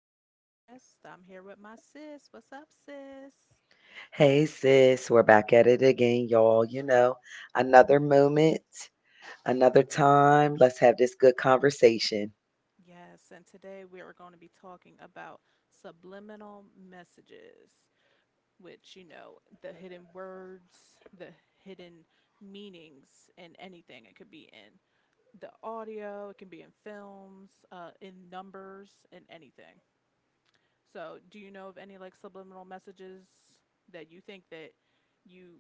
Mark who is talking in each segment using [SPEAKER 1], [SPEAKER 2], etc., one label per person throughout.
[SPEAKER 1] podcast. I'm here with my sis. What's up, sis?
[SPEAKER 2] Hey sis, we're back at it again, y'all. You know, another moment, another time. Let's have this good conversation.
[SPEAKER 1] Yes, and today we are going to be talking about subliminal messages, which, the hidden words, the hidden meanings in anything. It could be in the audio, it can be in films, in numbers, in anything. So, do you know of any like subliminal messages that you think that you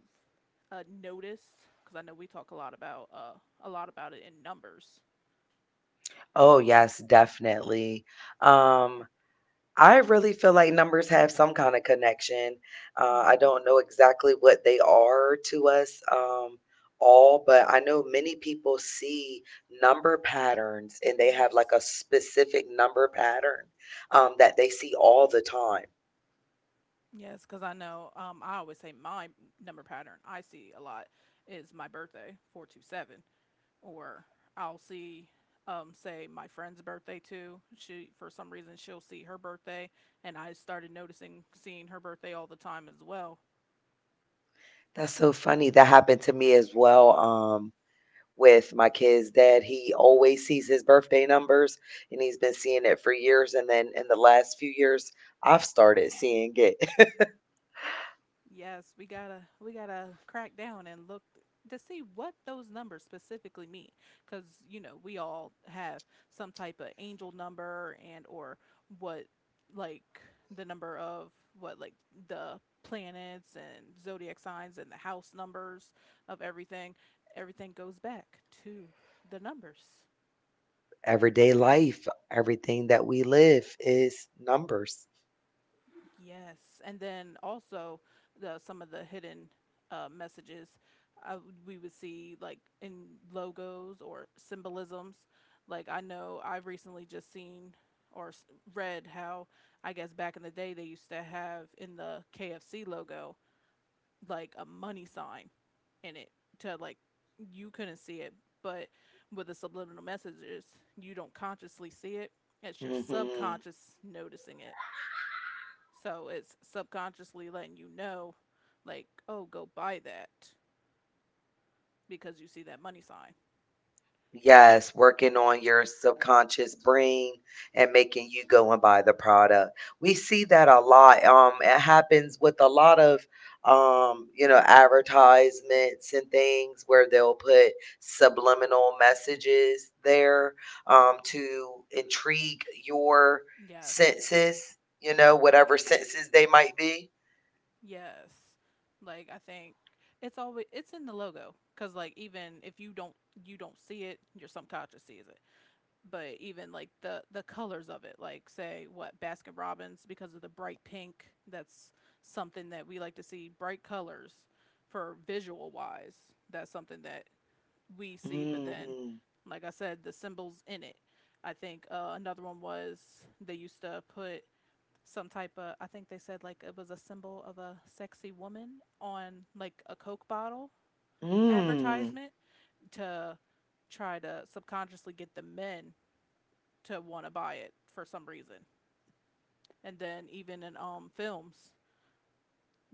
[SPEAKER 1] uh, notice? Because I know we talk a lot about it in numbers.
[SPEAKER 2] Oh, yes, definitely. Um, I really feel like numbers have some kind of connection. I
[SPEAKER 1] Hmm.
[SPEAKER 2] don't know exactly what they are to us all, but I know many people see number patterns and they have like
[SPEAKER 1] Yes.
[SPEAKER 2] a specific number pattern that they see all the time.
[SPEAKER 1] Yes, because I know, I always say my number pattern I see a lot is my birthday 4/2/7, or I'll see, say my friend's birthday too. She, for some reason, she'll see her birthday, and I started noticing seeing her birthday all the time as well.
[SPEAKER 2] That's so funny. That happened to me as well, with my kid's dad. He always sees his birthday numbers, and he's been seeing it for years, and then in the last few years, I've started seeing it.
[SPEAKER 1] Yes, we gotta crack down and look to see what those numbers specifically mean, because you know we all have some type of angel number. And or what, like the number of, what like the planets and zodiac signs and the house numbers of everything. Everything goes back to the numbers.
[SPEAKER 2] Everyday life, everything that we live is numbers.
[SPEAKER 1] Yes, and then also the some of the hidden messages we would see, like in logos or symbolisms. Like I know I've recently just seen or s- read how I guess back in the day they used to have in the KFC logo like a money sign in it. To like, you couldn't see it, but with the subliminal messages you don't consciously see it. It's your
[SPEAKER 2] Mhm.
[SPEAKER 1] subconscious noticing it. So it's subconsciously letting you know, like, oh, go buy that because you see that money sign.
[SPEAKER 2] Yes, working on your subconscious brain and making you go and buy the product. We see that a lot. It happens with a lot of advertisements and things where they'll put subliminal messages there to intrigue your
[SPEAKER 1] Yes.
[SPEAKER 2] senses, you know, whatever senses they might be.
[SPEAKER 1] Yes. Like I think it's always it's in the logo, because like even if you don't see it, your subconscious sees it. But even like the colors of it, like say what, Baskin Robbins, because of the bright pink. That's something that we like to see, bright colors, for visual wise. That's something that we see, but then,
[SPEAKER 2] Hmm
[SPEAKER 1] like I said, the symbols in it. I think, another one was they used to put some type of, I think they said like it was a symbol of a sexy woman on like a Coke bottle
[SPEAKER 2] Mm.
[SPEAKER 1] advertisement to try to subconsciously get the men to want to buy it for some reason. And then even in films,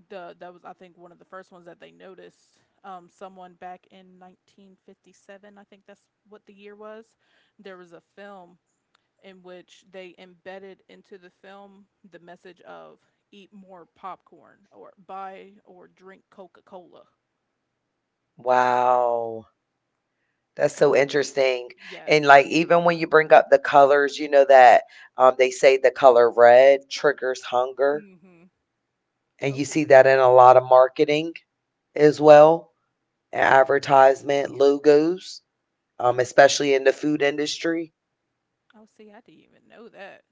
[SPEAKER 1] the that was I think one of the first ones that they noticed. Someone back in 1957, I think that's what the year was. There was a film in which they embedded into the film the message of eat more popcorn, or buy or drink Coca Cola.
[SPEAKER 2] Wow. That's so interesting. And
[SPEAKER 1] Yes.
[SPEAKER 2] like even when you bring up the colors, you know that they say the color red triggers hunger,
[SPEAKER 1] Hmm.
[SPEAKER 2] and you
[SPEAKER 1] Oh,
[SPEAKER 2] see that in a lot of marketing as well, and advertisement logos,
[SPEAKER 1] I s-
[SPEAKER 2] especially in the food industry,
[SPEAKER 1] oh, see, I didn't even know that.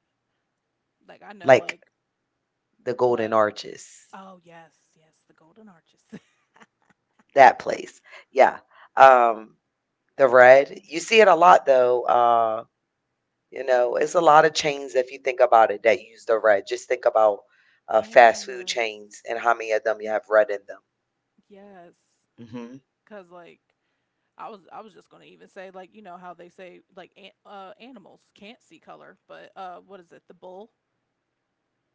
[SPEAKER 1] Like I know,
[SPEAKER 2] like
[SPEAKER 1] like
[SPEAKER 2] the Golden
[SPEAKER 1] the,
[SPEAKER 2] Arches,
[SPEAKER 1] oh yes, yes, the golden arches.
[SPEAKER 2] that place. Yeah, um, the red. You see it a lot though. You know, it's a lot of chains if you think about it that use the red. Just think about fast food
[SPEAKER 1] Yes.
[SPEAKER 2] chains and how many of them you have red in them.
[SPEAKER 1] Yes.
[SPEAKER 2] Hmm
[SPEAKER 1] Cause like I was just gonna even say, like, you know how they say like an, animals can't see color, but what is it? The bull,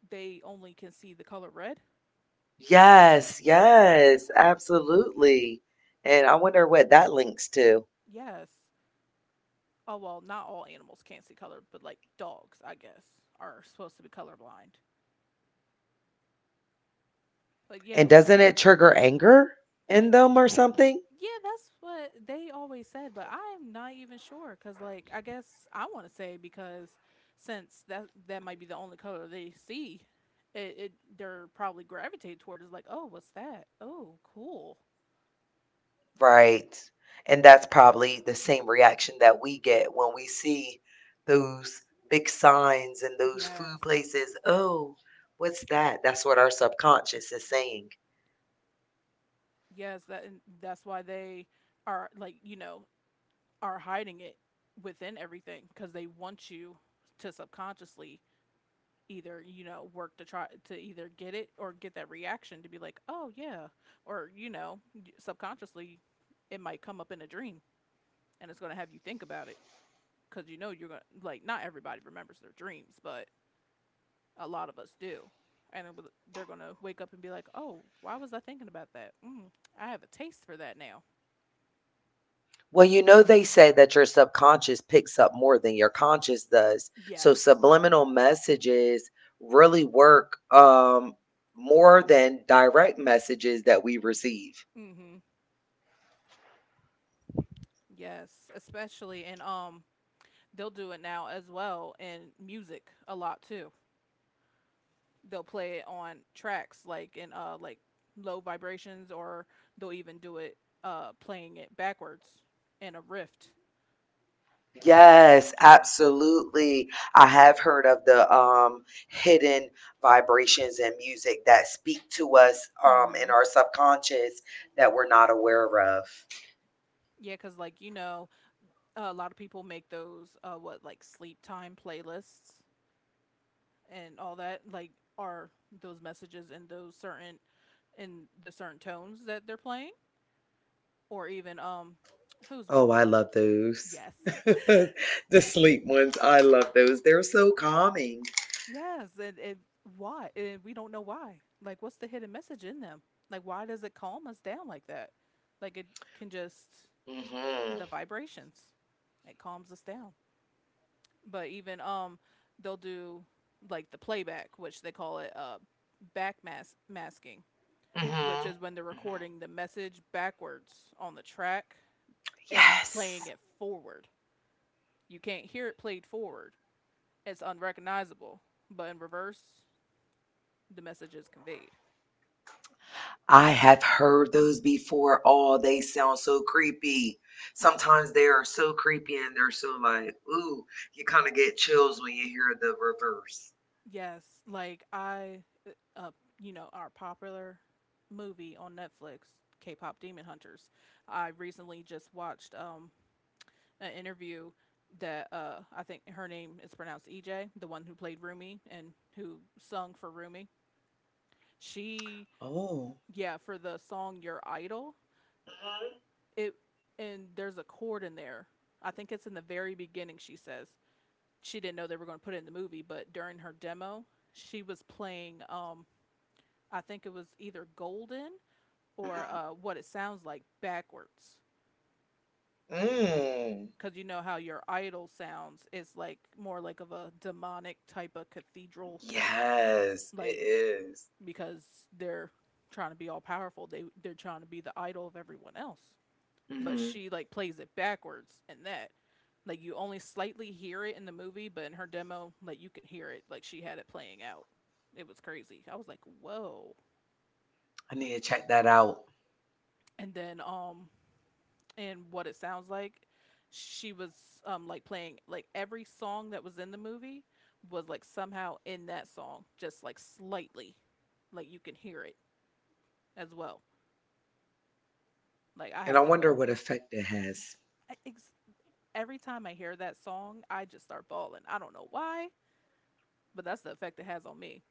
[SPEAKER 1] they only can see the color red.
[SPEAKER 2] Yes, yes, absolutely. And I wonder what that links to.
[SPEAKER 1] Yes. Oh well, not all animals can't see color, but like dogs, I guess, are supposed to be colorblind. But yeah,
[SPEAKER 2] And
[SPEAKER 1] with
[SPEAKER 2] doesn't it trigger anger in them or something?
[SPEAKER 1] yeah, that's what they always said, but I'm not even sure cuz like I guess I want to say, because since that might be the only color they see, it they're probably gravitated toward, is like, "Oh, what's that? Oh, cool."
[SPEAKER 2] Right. And that's probably the same reaction that we get when we see those big signs and those food
[SPEAKER 1] Yes.
[SPEAKER 2] places. Oh, what's that? That's what our subconscious is saying.
[SPEAKER 1] Yes, that and that's why they are like, you know, are hiding it within everything, because they want you to subconsciously either, you know, work to try to either get it or get that reaction, to be like, "Oh, yeah." Or, you know, subconsciously it might come up in a dream and it's going to have you think about it, cuz you know you're going to like, not everybody remembers their dreams, but a lot of us do. And they're going to wake up and be like, "Oh, why was I thinking about that? Mm, I have a taste for that now."
[SPEAKER 2] Well, you know, they say that your subconscious picks up more than your conscious does. So
[SPEAKER 1] Yes.
[SPEAKER 2] subliminal messages really work more than direct messages that we receive.
[SPEAKER 1] Hmm. Yes. Especially in they'll do it now as well in music a lot too. They'll play it on tracks, like in like low vibrations, or they'll even do it playing it backwards in a rift.
[SPEAKER 2] Yes, absolutely. I have heard of the hidden vibrations in music that speak to us in
[SPEAKER 1] Hmm.
[SPEAKER 2] our subconscious that we're not aware of.
[SPEAKER 1] Yeah, cuz like you know, a lot of people make those what like sleep time playlists and all that. Like, are those messages in those certain, in the certain tones that they're playing? Or even, who's one
[SPEAKER 2] Oh,
[SPEAKER 1] that,
[SPEAKER 2] I love those.
[SPEAKER 1] yes.
[SPEAKER 2] The sleep ones. I love those. They're so calming.
[SPEAKER 1] Yes, and why? And we don't know why. Like, what's the hidden message in them? Like, why does it calm us down like that? Like, it can just,
[SPEAKER 2] Mhm.
[SPEAKER 1] the vibrations, it calms us down. But even, they'll do like the playback, which they call it, masking, which
[SPEAKER 2] Mhm.
[SPEAKER 1] is when they're
[SPEAKER 2] Mhm.
[SPEAKER 1] recording the message backwards on the track and playing
[SPEAKER 2] Yes.
[SPEAKER 1] it forward. You can't hear it played forward, it's unrecognizable, but in reverse, the message is conveyed.
[SPEAKER 2] I have heard those before. Oh, they sound so creepy. Sometimes they are so creepy and they're so like, ooh, you kind of get chills when you hear the reverse.
[SPEAKER 1] Yes, like I, uh, you know, our popular movie on Netflix, K-pop Demon Hunters. I recently just watched an interview that I think her name is pronounced EJ, the one who played Rumi and who sung for Rumi. She,
[SPEAKER 2] Oh.
[SPEAKER 1] yeah, for the song Your Idol,
[SPEAKER 2] Mhm.
[SPEAKER 1] it, and there's a chord in there. I think it's in the very beginning. She says she didn't know they were going to put it in the movie, but during her demo, she was playing, I think it was either Golden or,
[SPEAKER 2] Mhm.
[SPEAKER 1] what it sounds like backwards.
[SPEAKER 2] Mm.
[SPEAKER 1] Because you know how Your Idol sounds, is like more like of a demonic type of cathedral,
[SPEAKER 2] Yes, it
[SPEAKER 1] like,
[SPEAKER 2] is.
[SPEAKER 1] because they're trying to be all powerful. They're trying to be the idol of everyone else. But
[SPEAKER 2] Mhm.
[SPEAKER 1] she like plays it backwards in that. Like you only slightly hear it in the movie, but in her demo, like you could hear it. Like she had it playing out. It was crazy. I was like, whoa.
[SPEAKER 2] I need to check that out.
[SPEAKER 1] And then and what it sounds like, she was like playing like every song that was in the movie was like somehow in that song, just like slightly. Like you can hear it as well. Like I
[SPEAKER 2] And I
[SPEAKER 1] have to go,
[SPEAKER 2] wonder what effect it has.
[SPEAKER 1] I- ex- every time I hear that song, I just start bawling. I don't know why, but that's the effect it has on me.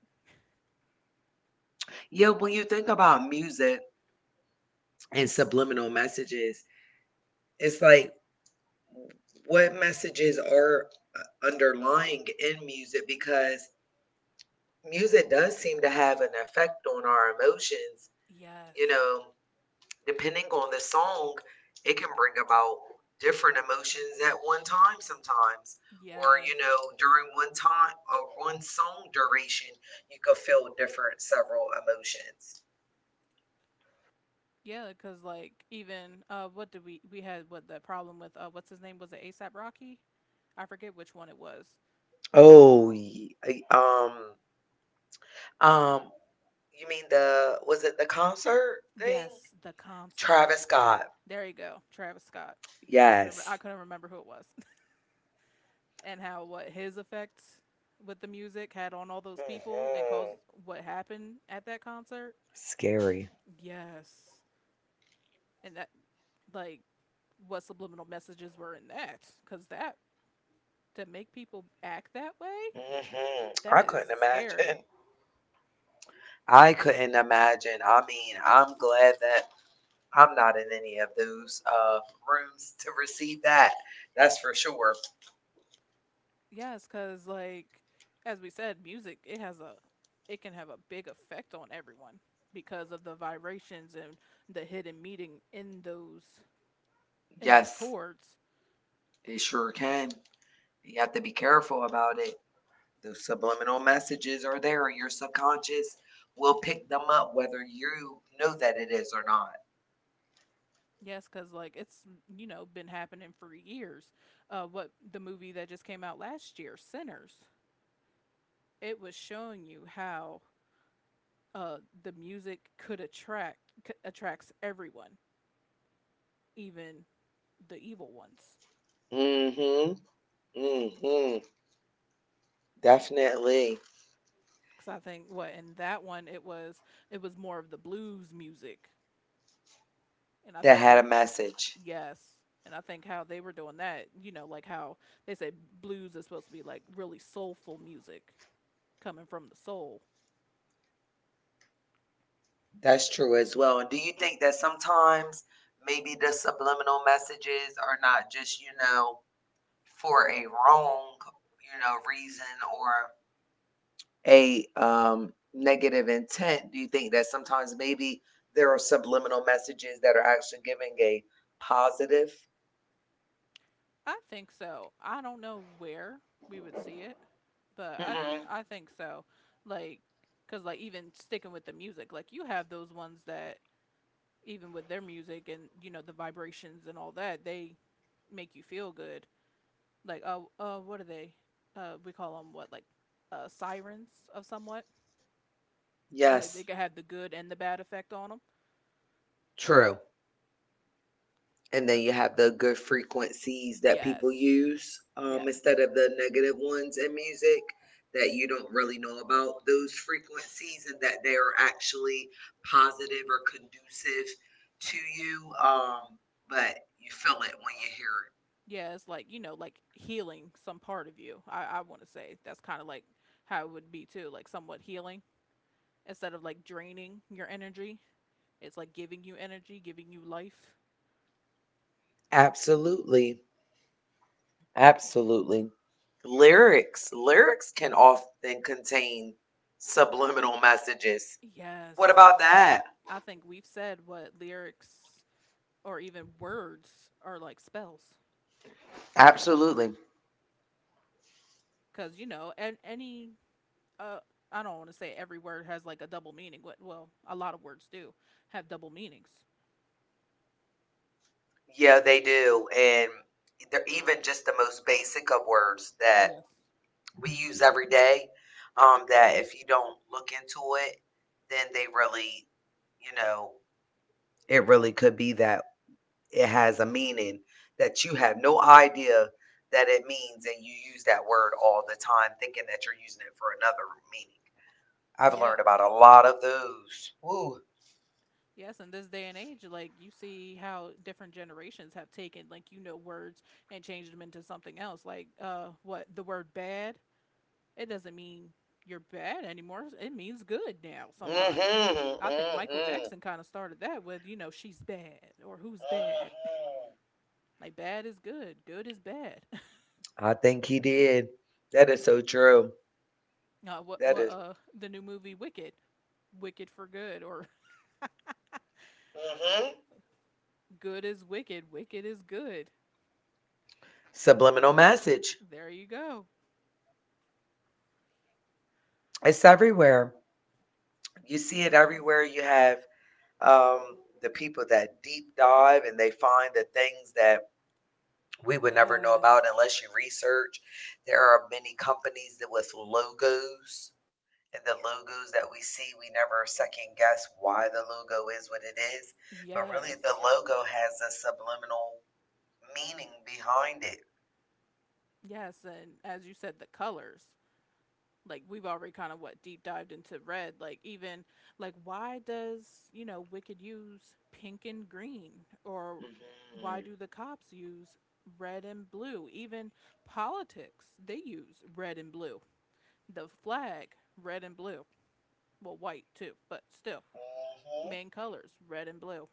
[SPEAKER 2] Yeah, when you think about music and subliminal messages, it's like what messages are underlying in music because music does seem to have an effect on our emotions. You
[SPEAKER 1] Yes.
[SPEAKER 2] know, depending on the song, it can bring about different emotions at one time sometimes. Or,
[SPEAKER 1] Yes.
[SPEAKER 2] you know, during one time or one song duration, you could feel different several emotions.
[SPEAKER 1] Yeah. Cause like even, what did we had what, the problem with what's his name, was it ASAP Rocky? I forget which one it was.
[SPEAKER 2] Oh, ye- um, um, you mean the, was it the concert thing?
[SPEAKER 1] Yes, the concert.
[SPEAKER 2] Travis Scott.
[SPEAKER 1] There you go. Travis Scott. I
[SPEAKER 2] Yes.
[SPEAKER 1] couldn't remember who it was. And how what his effects with the music had on all those people and caused
[SPEAKER 2] Mhm.
[SPEAKER 1] what happened at that concert.
[SPEAKER 2] Scary.
[SPEAKER 1] Yes. And that, like, what subliminal messages were in that, cuz that, to make people act that way?
[SPEAKER 2] Mhm. I
[SPEAKER 1] That is
[SPEAKER 2] couldn't
[SPEAKER 1] scary.
[SPEAKER 2] imagine. I couldn't imagine. I mean, I'm glad that I'm not in any of those rooms to receive that. That's for sure.
[SPEAKER 1] Yes, because like, as we said, music, it can have a big effect on everyone, because of the vibrations and the hidden meaning in those, in those
[SPEAKER 2] Yes,
[SPEAKER 1] chords.
[SPEAKER 2] it sure can. You have to be careful about it. Those subliminal messages are there, and your subconscious will pick them up whether you know that it is or not.
[SPEAKER 1] Yes, because like it's, you know, been happening for years. What, the movie that just came out last year, Sinners, it was showing you how the music could attract, attracts everyone, even the evil ones.
[SPEAKER 2] Mhm. Mhm. Definitely.
[SPEAKER 1] Because I think what, in that one, it was, it was more of the blues music, and I
[SPEAKER 2] That
[SPEAKER 1] think they
[SPEAKER 2] had a
[SPEAKER 1] were,
[SPEAKER 2] message.
[SPEAKER 1] yes, and I think how they were doing that, you know, like how they say blues is supposed to be like really soulful music coming from the soul.
[SPEAKER 2] That's true as well. And do you think that sometimes maybe the subliminal messages are not just, you know, for a wrong, you know, reason or a negative intent? Do you think that sometimes maybe there are subliminal messages that are actually giving a positive?
[SPEAKER 1] I think so. I don't know where we would see it, but
[SPEAKER 2] Hmm
[SPEAKER 1] I think so. Like, cause like even sticking with the music, like you have those ones that even with their music, and you know the vibrations and all that, they make you feel good. Like, what are they? We call them, what, like sirens of somewhat, and like they
[SPEAKER 2] Yes,
[SPEAKER 1] can have the good and the bad effect on them.
[SPEAKER 2] true. And then you have the good frequencies that
[SPEAKER 1] Yes,
[SPEAKER 2] people use
[SPEAKER 1] yes,
[SPEAKER 2] instead of the negative ones in music that you don't really know about those frequencies and that they are actually positive or conducive to you but you feel it when you hear it.
[SPEAKER 1] yeah. It's like, you know, like healing some part of you. I want to say that's kind of like how it would be too, like somewhat healing instead of like draining your energy. It's like giving you energy, giving you life.
[SPEAKER 2] Absolutely, absolutely. Lyrics can often contain subliminal messages. What
[SPEAKER 1] Yes, I
[SPEAKER 2] about that?
[SPEAKER 1] I think we've said what, lyrics or even words are like spells.
[SPEAKER 2] Absolutely.
[SPEAKER 1] Because, you know, and any, uh, I don't want to say every word has like a double meaning. But, well, a lot of words do have double meanings.
[SPEAKER 2] Yeah, they do. And they're even just the most basic of words that
[SPEAKER 1] Yes.
[SPEAKER 2] we use every day. That if you don't look into it, then they really, you know, it really could be that it has a meaning that you have no idea that it means, and you use that word all the time, thinking that you're using it for another meaning. I've learned about a
[SPEAKER 1] Yes.
[SPEAKER 2] lot of those.
[SPEAKER 1] Y-
[SPEAKER 2] Woo.
[SPEAKER 1] Yes, in this day and age, like you see how different generations have taken, like, you know, words and changed them into something else. Like, what, the word bad, it doesn't mean you're bad anymore. It means good now sometimes.
[SPEAKER 2] Mm-hmm.
[SPEAKER 1] I think Michael
[SPEAKER 2] Mm-hmm.
[SPEAKER 1] Jackson kind of started that with, she's bad or who's bad.
[SPEAKER 2] Mm-hmm.
[SPEAKER 1] Like, bad is good, good is bad.
[SPEAKER 2] I think he did. That is so true.
[SPEAKER 1] Uh, what
[SPEAKER 2] That
[SPEAKER 1] what
[SPEAKER 2] is
[SPEAKER 1] uh the new movie Wicked, Wicked for Good or
[SPEAKER 2] hmm
[SPEAKER 1] Good is Wicked, Wicked is Good.
[SPEAKER 2] subliminal message.
[SPEAKER 1] There you go.
[SPEAKER 2] It's everywhere. You see it everywhere. You have um, the people that deep dive and they find the things that we would never know
[SPEAKER 1] Yes,
[SPEAKER 2] about unless you research. There are many companies that with logos and the logos that we see, we never second guess why the logo is what it is. But really,
[SPEAKER 1] yes,
[SPEAKER 2] the logo has a subliminal meaning behind it.
[SPEAKER 1] yes. And as you said, the colors. Like we've already kind of what deep dived into red. Like even, like why does Wicked use pink and green, or why
[SPEAKER 2] Mhm.
[SPEAKER 1] do the cops use red and blue? Even politics, they use red and blue. The flag, red and blue. Well, white too, but still, main colors red and blue.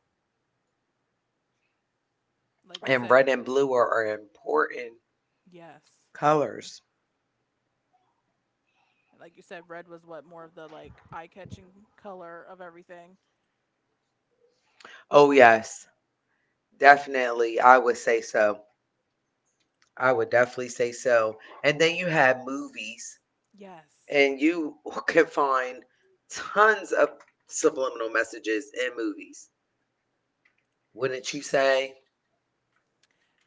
[SPEAKER 1] Like you
[SPEAKER 2] And
[SPEAKER 1] said,
[SPEAKER 2] red and blue are important
[SPEAKER 1] yes.
[SPEAKER 2] colors.
[SPEAKER 1] Like you said, red was what more of the like eye-catching color of everything.
[SPEAKER 2] Oh, yes, definitely. I would say so. I would definitely say so. And then you have movies,
[SPEAKER 1] Yes.
[SPEAKER 2] and you can find tons of subliminal messages in movies. Wouldn't you say?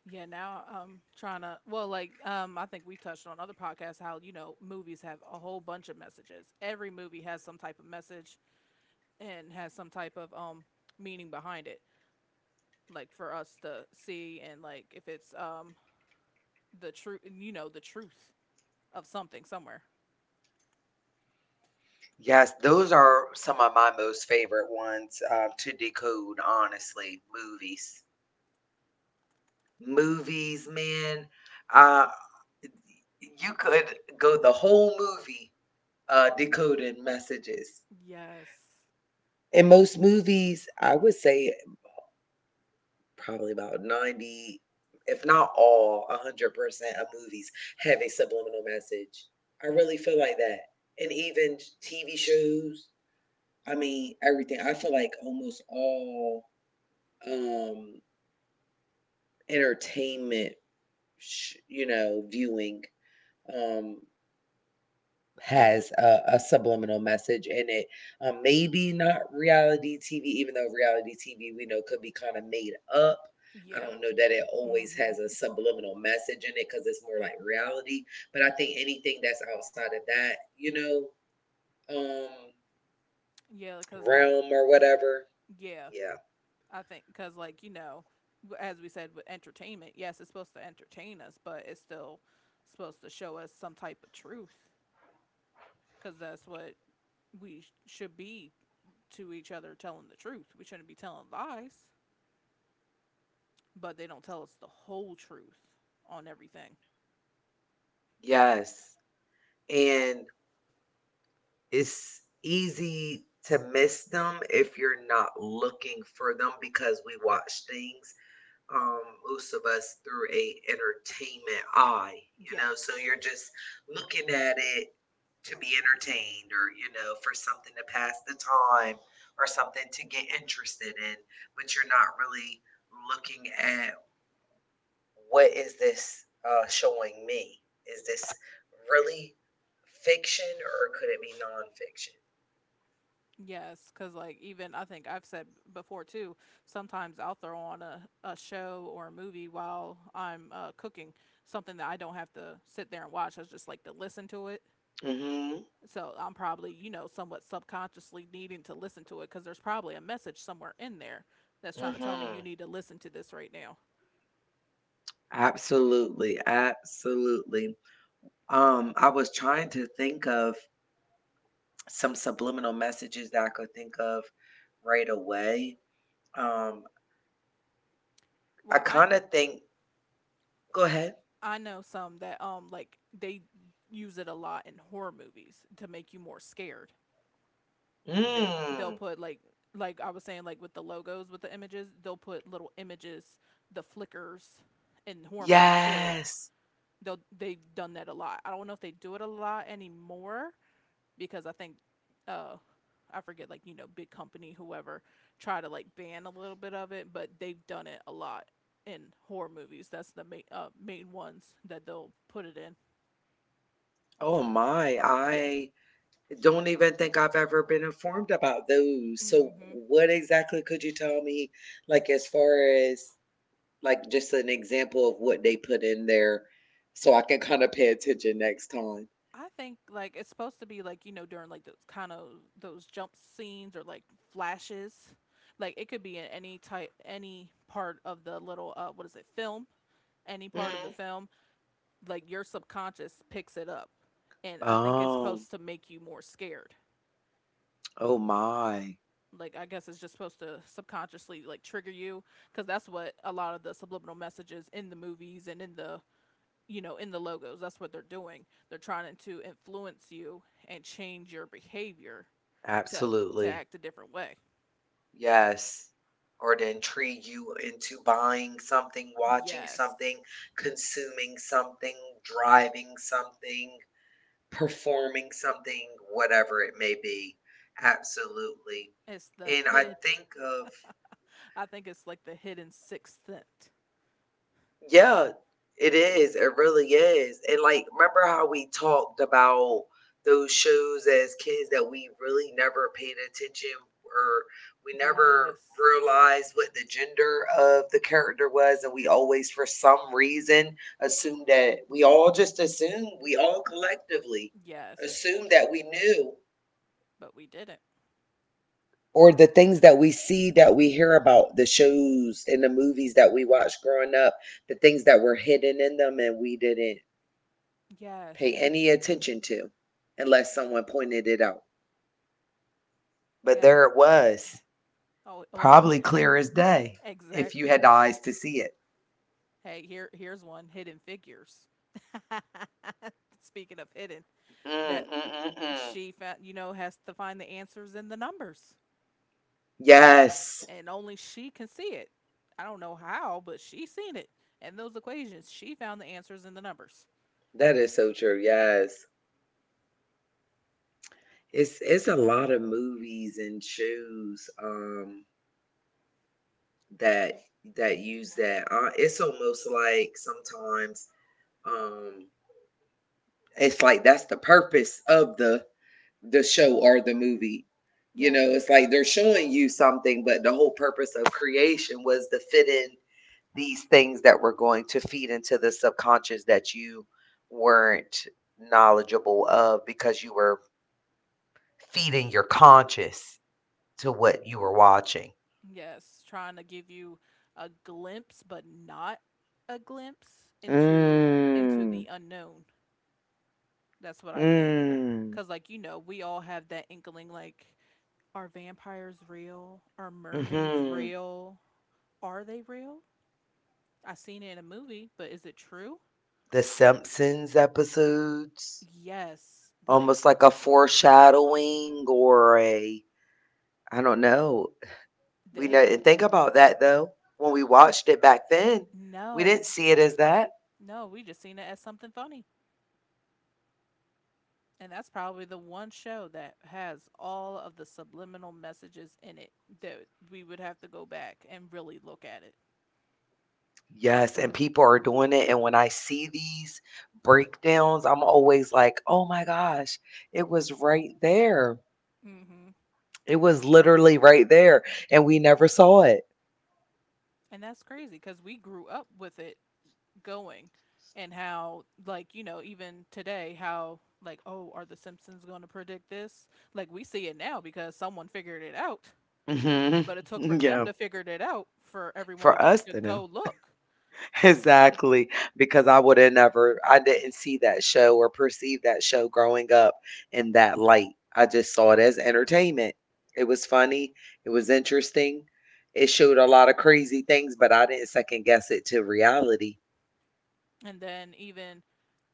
[SPEAKER 1] Yeah, now I'm trying to. Well, like, I think we touched on other podcasts how movies have a whole bunch of messages. Every movie has some type of message and has some type of meaning behind it. Like for us to see, and like if it's the truth, the truth of something somewhere.
[SPEAKER 2] Yes, those are some of my most favorite ones to decode, honestly, movies. Movies, man, uh, you could go the whole movie, decoding messages.
[SPEAKER 1] Yes.
[SPEAKER 2] In most movies, I would say probably about 90, if not all, 100% of movies have a subliminal message. I really feel like that. And even TV shows, I mean, everything. I feel like almost all um, entertainment, you know, viewing um,
[SPEAKER 1] Yeah, they're
[SPEAKER 2] has a subliminal message in it. Maybe not reality TV, even though reality TV we know could be kind of made up. I
[SPEAKER 1] yeah.
[SPEAKER 2] don't know that it always
[SPEAKER 1] Mhm.
[SPEAKER 2] has a subliminal message in it because it's more like reality. But I think anything that's outside of that, you know, um,
[SPEAKER 1] Yeah, because like,
[SPEAKER 2] realm or whatever,
[SPEAKER 1] yeah,
[SPEAKER 2] yeah,
[SPEAKER 1] I think because like, as we said with entertainment, yes, it's supposed to entertain us, but it's still supposed to show us some type of truth, because that's what should be to each other, telling the truth. We shouldn't be telling lies, but they don't tell us the whole truth on everything.
[SPEAKER 2] yes. And it's easy to miss them if you're not looking for them because we watch things um, most of us through a entertainment eye, you know. So
[SPEAKER 1] Yes.
[SPEAKER 2] you're just looking at it to be entertained, or you know, for something to pass the time, or something to get interested in, but you're not really looking at what is this showing me? Is this really fiction, or could it be
[SPEAKER 1] Yes, because like even I think I've said before too. Sometimes I'll throw on a show or a movie while I'm cooking something that I don't have to sit there and watch. I just like to listen to it.
[SPEAKER 2] nonfiction? Mhm.
[SPEAKER 1] So I'm probably, somewhat subconsciously needing to listen to it because there's probably a message somewhere in there that's trying to tell me you
[SPEAKER 2] Mhm.
[SPEAKER 1] need to listen to this right now.
[SPEAKER 2] Absolutely. Absolutely. I was trying to think of some subliminal messages that I could think of right away. Um, I
[SPEAKER 1] Well, I
[SPEAKER 2] kind of think. Go ahead.
[SPEAKER 1] I know some that like they use it a lot in horror movies to make you more scared. That they'll
[SPEAKER 2] Mm,
[SPEAKER 1] put like, I was saying, like with the logos, with the images, they'll put little images, the flickers, in horror movies too.
[SPEAKER 2] yes.
[SPEAKER 1] They've done that a lot. I don't know if they do it a lot anymore, because I think, uh I forget, like, big company whoever, try to like ban a little bit of it, but they've done it a lot in horror movies. That's the main ones that they'll put it in.
[SPEAKER 2] Oh my!
[SPEAKER 1] Yeah.
[SPEAKER 2] I don't even think I've ever been informed about those. So,
[SPEAKER 1] Hmm.
[SPEAKER 2] what exactly could you tell me? Like, as far as like just an example of what they put in there, so I can kind of pay attention next time.
[SPEAKER 1] I think like it's supposed to be like, during like those kind of, those jump scenes or like flashes, like it could be in any part of the little, what is it film, any part of the
[SPEAKER 2] Mhm.
[SPEAKER 1] film. Like your subconscious picks it up, and I think it's
[SPEAKER 2] Oh.
[SPEAKER 1] supposed to make you more scared.
[SPEAKER 2] Oh my!
[SPEAKER 1] Like, I guess it's just supposed to subconsciously like trigger you, because that's what a lot of the subliminal messages in the movies and in the logos. That's what they're doing. They're trying to influence you and change your behavior to to
[SPEAKER 2] Absolutely.
[SPEAKER 1] act a different way.
[SPEAKER 2] Yes. Or to intrigue you into buying something, watching
[SPEAKER 1] Yes.
[SPEAKER 2] something, consuming something, driving something, performing something, whatever it may be. Absolutely.
[SPEAKER 1] It's the
[SPEAKER 2] And I
[SPEAKER 1] hid
[SPEAKER 2] think of
[SPEAKER 1] I think it's like the hidden sixth sense.
[SPEAKER 2] Yeah, it is. It really is. And like, remember how we talked about those shows as kids that we really never paid attention or we never
[SPEAKER 1] Yes.
[SPEAKER 2] realized what the gender of the character was, and we always, for some reason, assumed that we all just assumed, we all collectively
[SPEAKER 1] Yes.
[SPEAKER 2] assumed that we knew.
[SPEAKER 1] But we didn't.
[SPEAKER 2] Or the things that we see, that we hear about, the shows and the movies that we watched growing up, the things that were hidden in them and we didn't
[SPEAKER 1] Yes.
[SPEAKER 2] pay any attention to unless someone pointed it out. But
[SPEAKER 1] Yes.
[SPEAKER 2] there it was,
[SPEAKER 1] Oh, well,
[SPEAKER 2] probably clear as day if you
[SPEAKER 1] exactly.
[SPEAKER 2] had eyes to see it.
[SPEAKER 1] Hey, here's one, Hidden Figures. Speaking of hidden,
[SPEAKER 2] Mm, mm,
[SPEAKER 1] that
[SPEAKER 2] mm, mm.
[SPEAKER 1] she found, has to find the answers in the numbers.
[SPEAKER 2] Yes,
[SPEAKER 1] And only she can see it. I don't know how, but she seen it. And those equations, she found the answers in the numbers.
[SPEAKER 2] that is so true. Yes. It's a lot of movies and shows that that use that. It's almost like sometimes um it's like that's the purpose of the show or the movie. You
[SPEAKER 1] Yes.
[SPEAKER 2] know, it's like they're showing you something, but the whole purpose of creation was to fit in these things that were going to feed into the subconscious that you weren't knowledgeable of because you were feeding your conscious to what you were watching.
[SPEAKER 1] Yes, trying to give you a glimpse, but not a glimpse into the
[SPEAKER 2] Mm.
[SPEAKER 1] unknown. That's what I think.
[SPEAKER 2] Mm.
[SPEAKER 1] Cause like, we all have that inkling. Like, are vampires real? Are mermaids
[SPEAKER 2] hmm
[SPEAKER 1] real? Are they real? I seen it in a movie, but is it true?
[SPEAKER 2] The Simpsons episodes,
[SPEAKER 1] Yes. Like
[SPEAKER 2] almost like a foreshadowing or a, I don't know, We know
[SPEAKER 1] they
[SPEAKER 2] and think about that though. When we watched it back then, we didn't
[SPEAKER 1] no
[SPEAKER 2] see it as that.
[SPEAKER 1] No, we just seen it as something funny. And that's probably the one show that has all of the subliminal messages in it that we would have to go back and really look at it.
[SPEAKER 2] Yes, and people are doing it. And when I see these breakdowns, I'm always like, oh my gosh, it was right there.
[SPEAKER 1] Hmm.
[SPEAKER 2] It was literally right there. And we never saw it.
[SPEAKER 1] And that's crazy, because we grew up with it going, and how, like, you know, even today, how, like, oh, are the Simpsons going to predict this? Like, we see it now because someone figured it out,
[SPEAKER 2] Hmm
[SPEAKER 1] but it took for them
[SPEAKER 2] Yeah.
[SPEAKER 1] to figure it out for everyone to,
[SPEAKER 2] For us
[SPEAKER 1] to
[SPEAKER 2] to
[SPEAKER 1] go
[SPEAKER 2] know.
[SPEAKER 1] look.
[SPEAKER 2] Exactly, because I woulda never I didn't see that show or perceive that show growing up in that light. I just saw it as entertainment. It was funny, it was interesting. It showed a lot of crazy things, but I didn't second guess it to reality.
[SPEAKER 1] And then even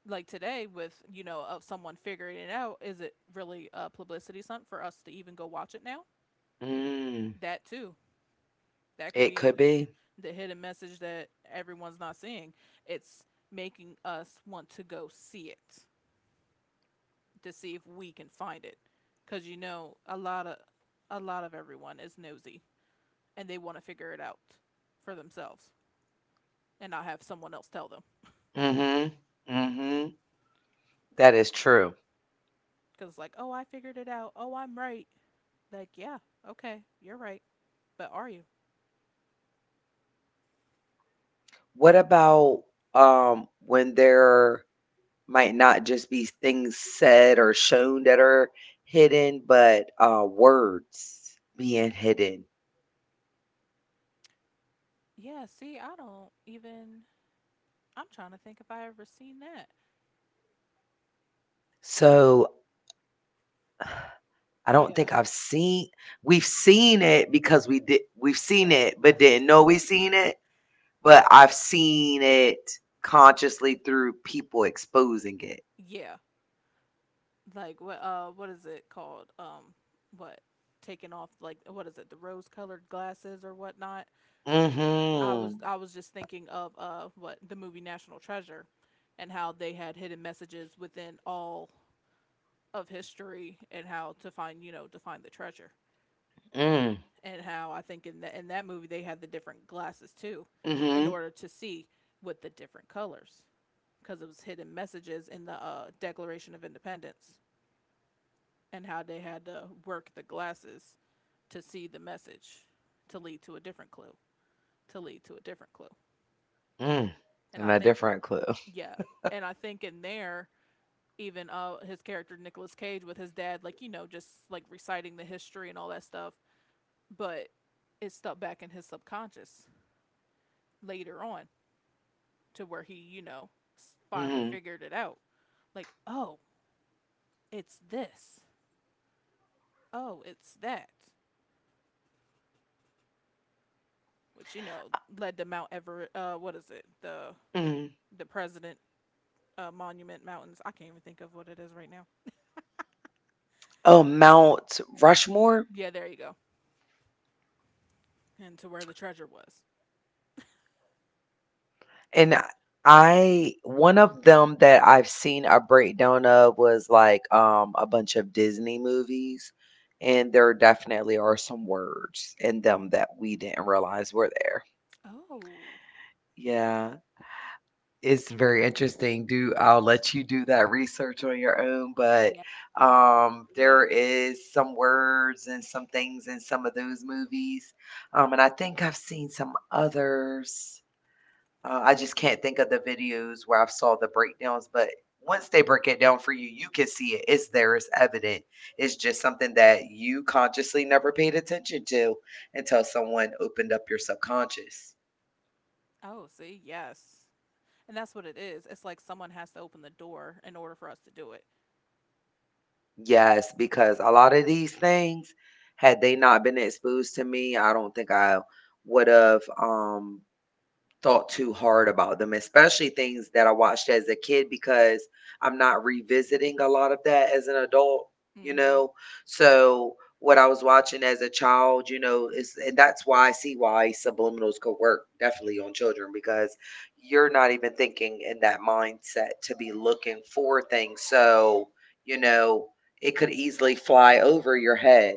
[SPEAKER 1] like today with, of someone figuring it out, is it really a publicity stunt for us to even go watch it now?
[SPEAKER 2] Mm,
[SPEAKER 1] That too, that could
[SPEAKER 2] it
[SPEAKER 1] be
[SPEAKER 2] could be.
[SPEAKER 1] the hidden message that everyone's not seeing. It's making us want to go see it, to see if we can find it, because you know, a lot of everyone is nosy and they want to figure it out for themselves, and not have someone else tell them.
[SPEAKER 2] Mhm. Mhm. That is true.
[SPEAKER 1] Because like, oh, I figured it out. Oh, I'm right. Like, yeah, okay, you're right, but are you?
[SPEAKER 2] What about when they're might not just be things said or shown that are hidden, but words being hidden.
[SPEAKER 1] Yeah, see, I don't even I'm trying to think if I ever seen that. 'Cause
[SPEAKER 2] So I don't
[SPEAKER 1] Yeah.
[SPEAKER 2] think I've seen we've seen
[SPEAKER 1] Yeah,
[SPEAKER 2] it
[SPEAKER 1] yeah.
[SPEAKER 2] but didn't know we seen it, but I've seen it consciously through people exposing it.
[SPEAKER 1] Yeah. Like, what is it called? What taking off, like, what is it, the rose colored glasses or whatnot. I was
[SPEAKER 2] Mhm.
[SPEAKER 1] I was just thinking of, what the movie National Treasure, and how they had hidden messages within all of history, and how to find, to find the treasure.
[SPEAKER 2] Mm.
[SPEAKER 1] And how I think, in that movie, they had the different glasses too, in
[SPEAKER 2] Mhm.
[SPEAKER 1] order to see with the different colors, because it was hidden messages in the, Declaration of Independence, and how they had to work the glasses to see the message, to lead to a different clue, to lead to a different clue.
[SPEAKER 2] Mm.
[SPEAKER 1] And I
[SPEAKER 2] And a
[SPEAKER 1] think,
[SPEAKER 2] different clue.
[SPEAKER 1] yeah, in there, even his character Nicolas Cage with his dad, like, just like reciting the history and all that stuff, but it's stuck back in his subconscious later on to where he, finally
[SPEAKER 2] Mhm.
[SPEAKER 1] figured it out. Like, oh, it's this. Oh, it's that. Which, led to Mount Everett. What is it? The
[SPEAKER 2] Mhm.
[SPEAKER 1] the President, Monument Mountains. I can't even think of what it is right now.
[SPEAKER 2] Oh, Mount Rushmore.
[SPEAKER 1] Yeah, there you go. And to where the treasure was.
[SPEAKER 2] And I one of them that I've seen a breakdown of was, a bunch of Disney movies, and there definitely are some words in them that we didn't realize were there.
[SPEAKER 1] Oh,
[SPEAKER 2] Yeah, it's very interesting. Do I'll let you do that research on your own, but,
[SPEAKER 1] yeah. I'm gonna have to look for
[SPEAKER 2] there
[SPEAKER 1] that.
[SPEAKER 2] is some words and some things in some of those movies, and I think I've seen some others I just can't think of the videos where I've saw the breakdowns, but once they break it down for you, you can see it. It's there. It's evident. It's just something that you consciously never paid attention to until someone opened up your subconscious.
[SPEAKER 1] Oh, see, yes. And that's what it is. It's like someone has to open the door in order for us to do it.
[SPEAKER 2] Yes, because a lot of these things, had they not been exposed to me, I don't think I would have thought too hard about them, especially things that I watched as a kid because I'm not revisiting a lot of that as an adult, you
[SPEAKER 1] Hmm.
[SPEAKER 2] know. So what I was watching as a child, is and that's why I see why subliminals could work definitely on children because you're not even thinking in that mindset to be looking for things. So, you know, it could easily fly over your head.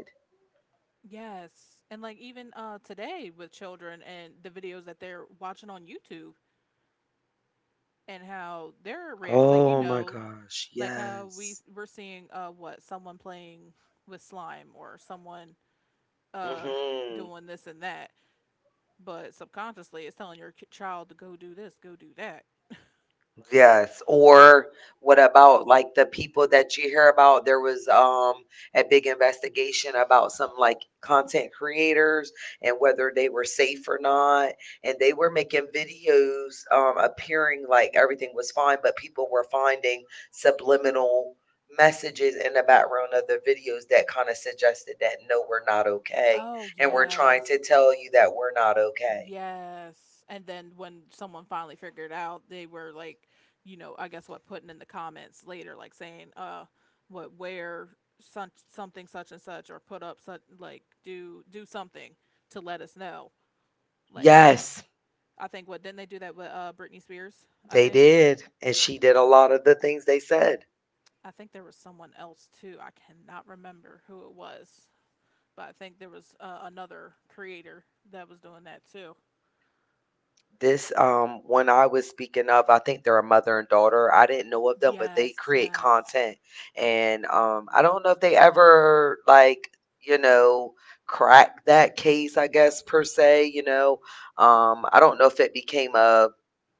[SPEAKER 1] Yes. And like, even today with children and the videos that they're watching on YouTube, and how they're like, you
[SPEAKER 2] Oh my
[SPEAKER 1] know,
[SPEAKER 2] gosh,
[SPEAKER 1] like how we
[SPEAKER 2] yes.
[SPEAKER 1] s- we're seeing, what someone playing with slime, or someone uh
[SPEAKER 2] Mhm.
[SPEAKER 1] doing this and that, but subconsciously it's telling your child to go do this, go do that.
[SPEAKER 2] Yes. Or what about like the people that you hear about? There was a big investigation about some like content creators and whether they were safe or not. And they were making videos appearing like everything was fine, but people were finding subliminal messages in the background of the videos that kind of suggested that no, we're not okay.
[SPEAKER 1] Oh,
[SPEAKER 2] And we're trying
[SPEAKER 1] yes.
[SPEAKER 2] to tell you that we're not okay.
[SPEAKER 1] Yes. And then when someone finally figured out, they were like, I guess what putting in the comments later, like saying, what where such something such and such, or put up such, like, do something to let us know. Like, are you,
[SPEAKER 2] Yes.
[SPEAKER 1] I think what didn't they do that with Britney Spears? I
[SPEAKER 2] They
[SPEAKER 1] think.
[SPEAKER 2] did, and she did a lot of the things they said.
[SPEAKER 1] I think there was someone else too. I cannot remember who it was, but I think there was, another creator that was doing that too.
[SPEAKER 2] This one I was speaking of, I think they're a mother and daughter. I didn't know of them, but they
[SPEAKER 1] Yes.
[SPEAKER 2] create
[SPEAKER 1] Yes.
[SPEAKER 2] content, and I don't know if they ever you know crack that case. I guess per se, you know, I don't know if it became a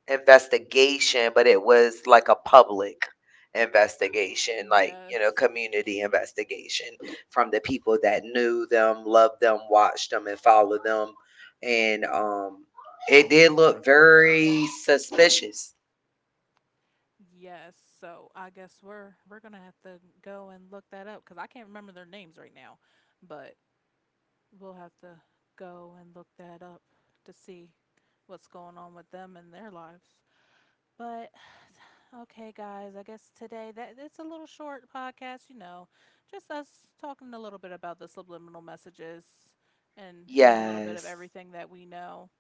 [SPEAKER 2] investigation, but it was like a public investigation, like, you know,
[SPEAKER 1] Yes.
[SPEAKER 2] community investigation from the people that knew them, loved them, watched them, and followed them. And it did look very suspicious.
[SPEAKER 1] Yes, so I guess we're gonna have to go and look that up because I can't remember their names right now, but we'll have to go and look that up to see what's going on with them and their lives. But okay, guys, I guess today that it's a little short podcast, just us talking a little bit about the subliminal messages, and a little bit of
[SPEAKER 2] Yes.
[SPEAKER 1] everything that we know.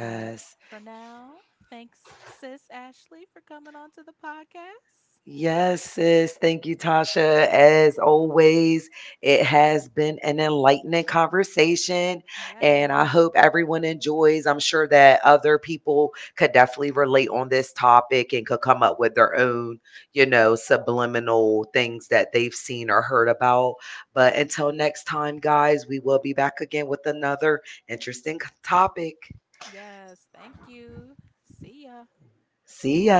[SPEAKER 1] But for now, thanks, sis Ashley, for coming on to the podcast.
[SPEAKER 2] Yes, sis. Thank you, Tasha. As always, it has been an enlightening conversation, and I
[SPEAKER 1] Yes.
[SPEAKER 2] hope everyone enjoys. I'm sure that other people could definitely relate on this topic and could come up with their own, you know, subliminal things that they've seen or heard about. But until next time, guys, we will be back again with another interesting topic.
[SPEAKER 1] Yes. Thank you. See ya.
[SPEAKER 2] See ya.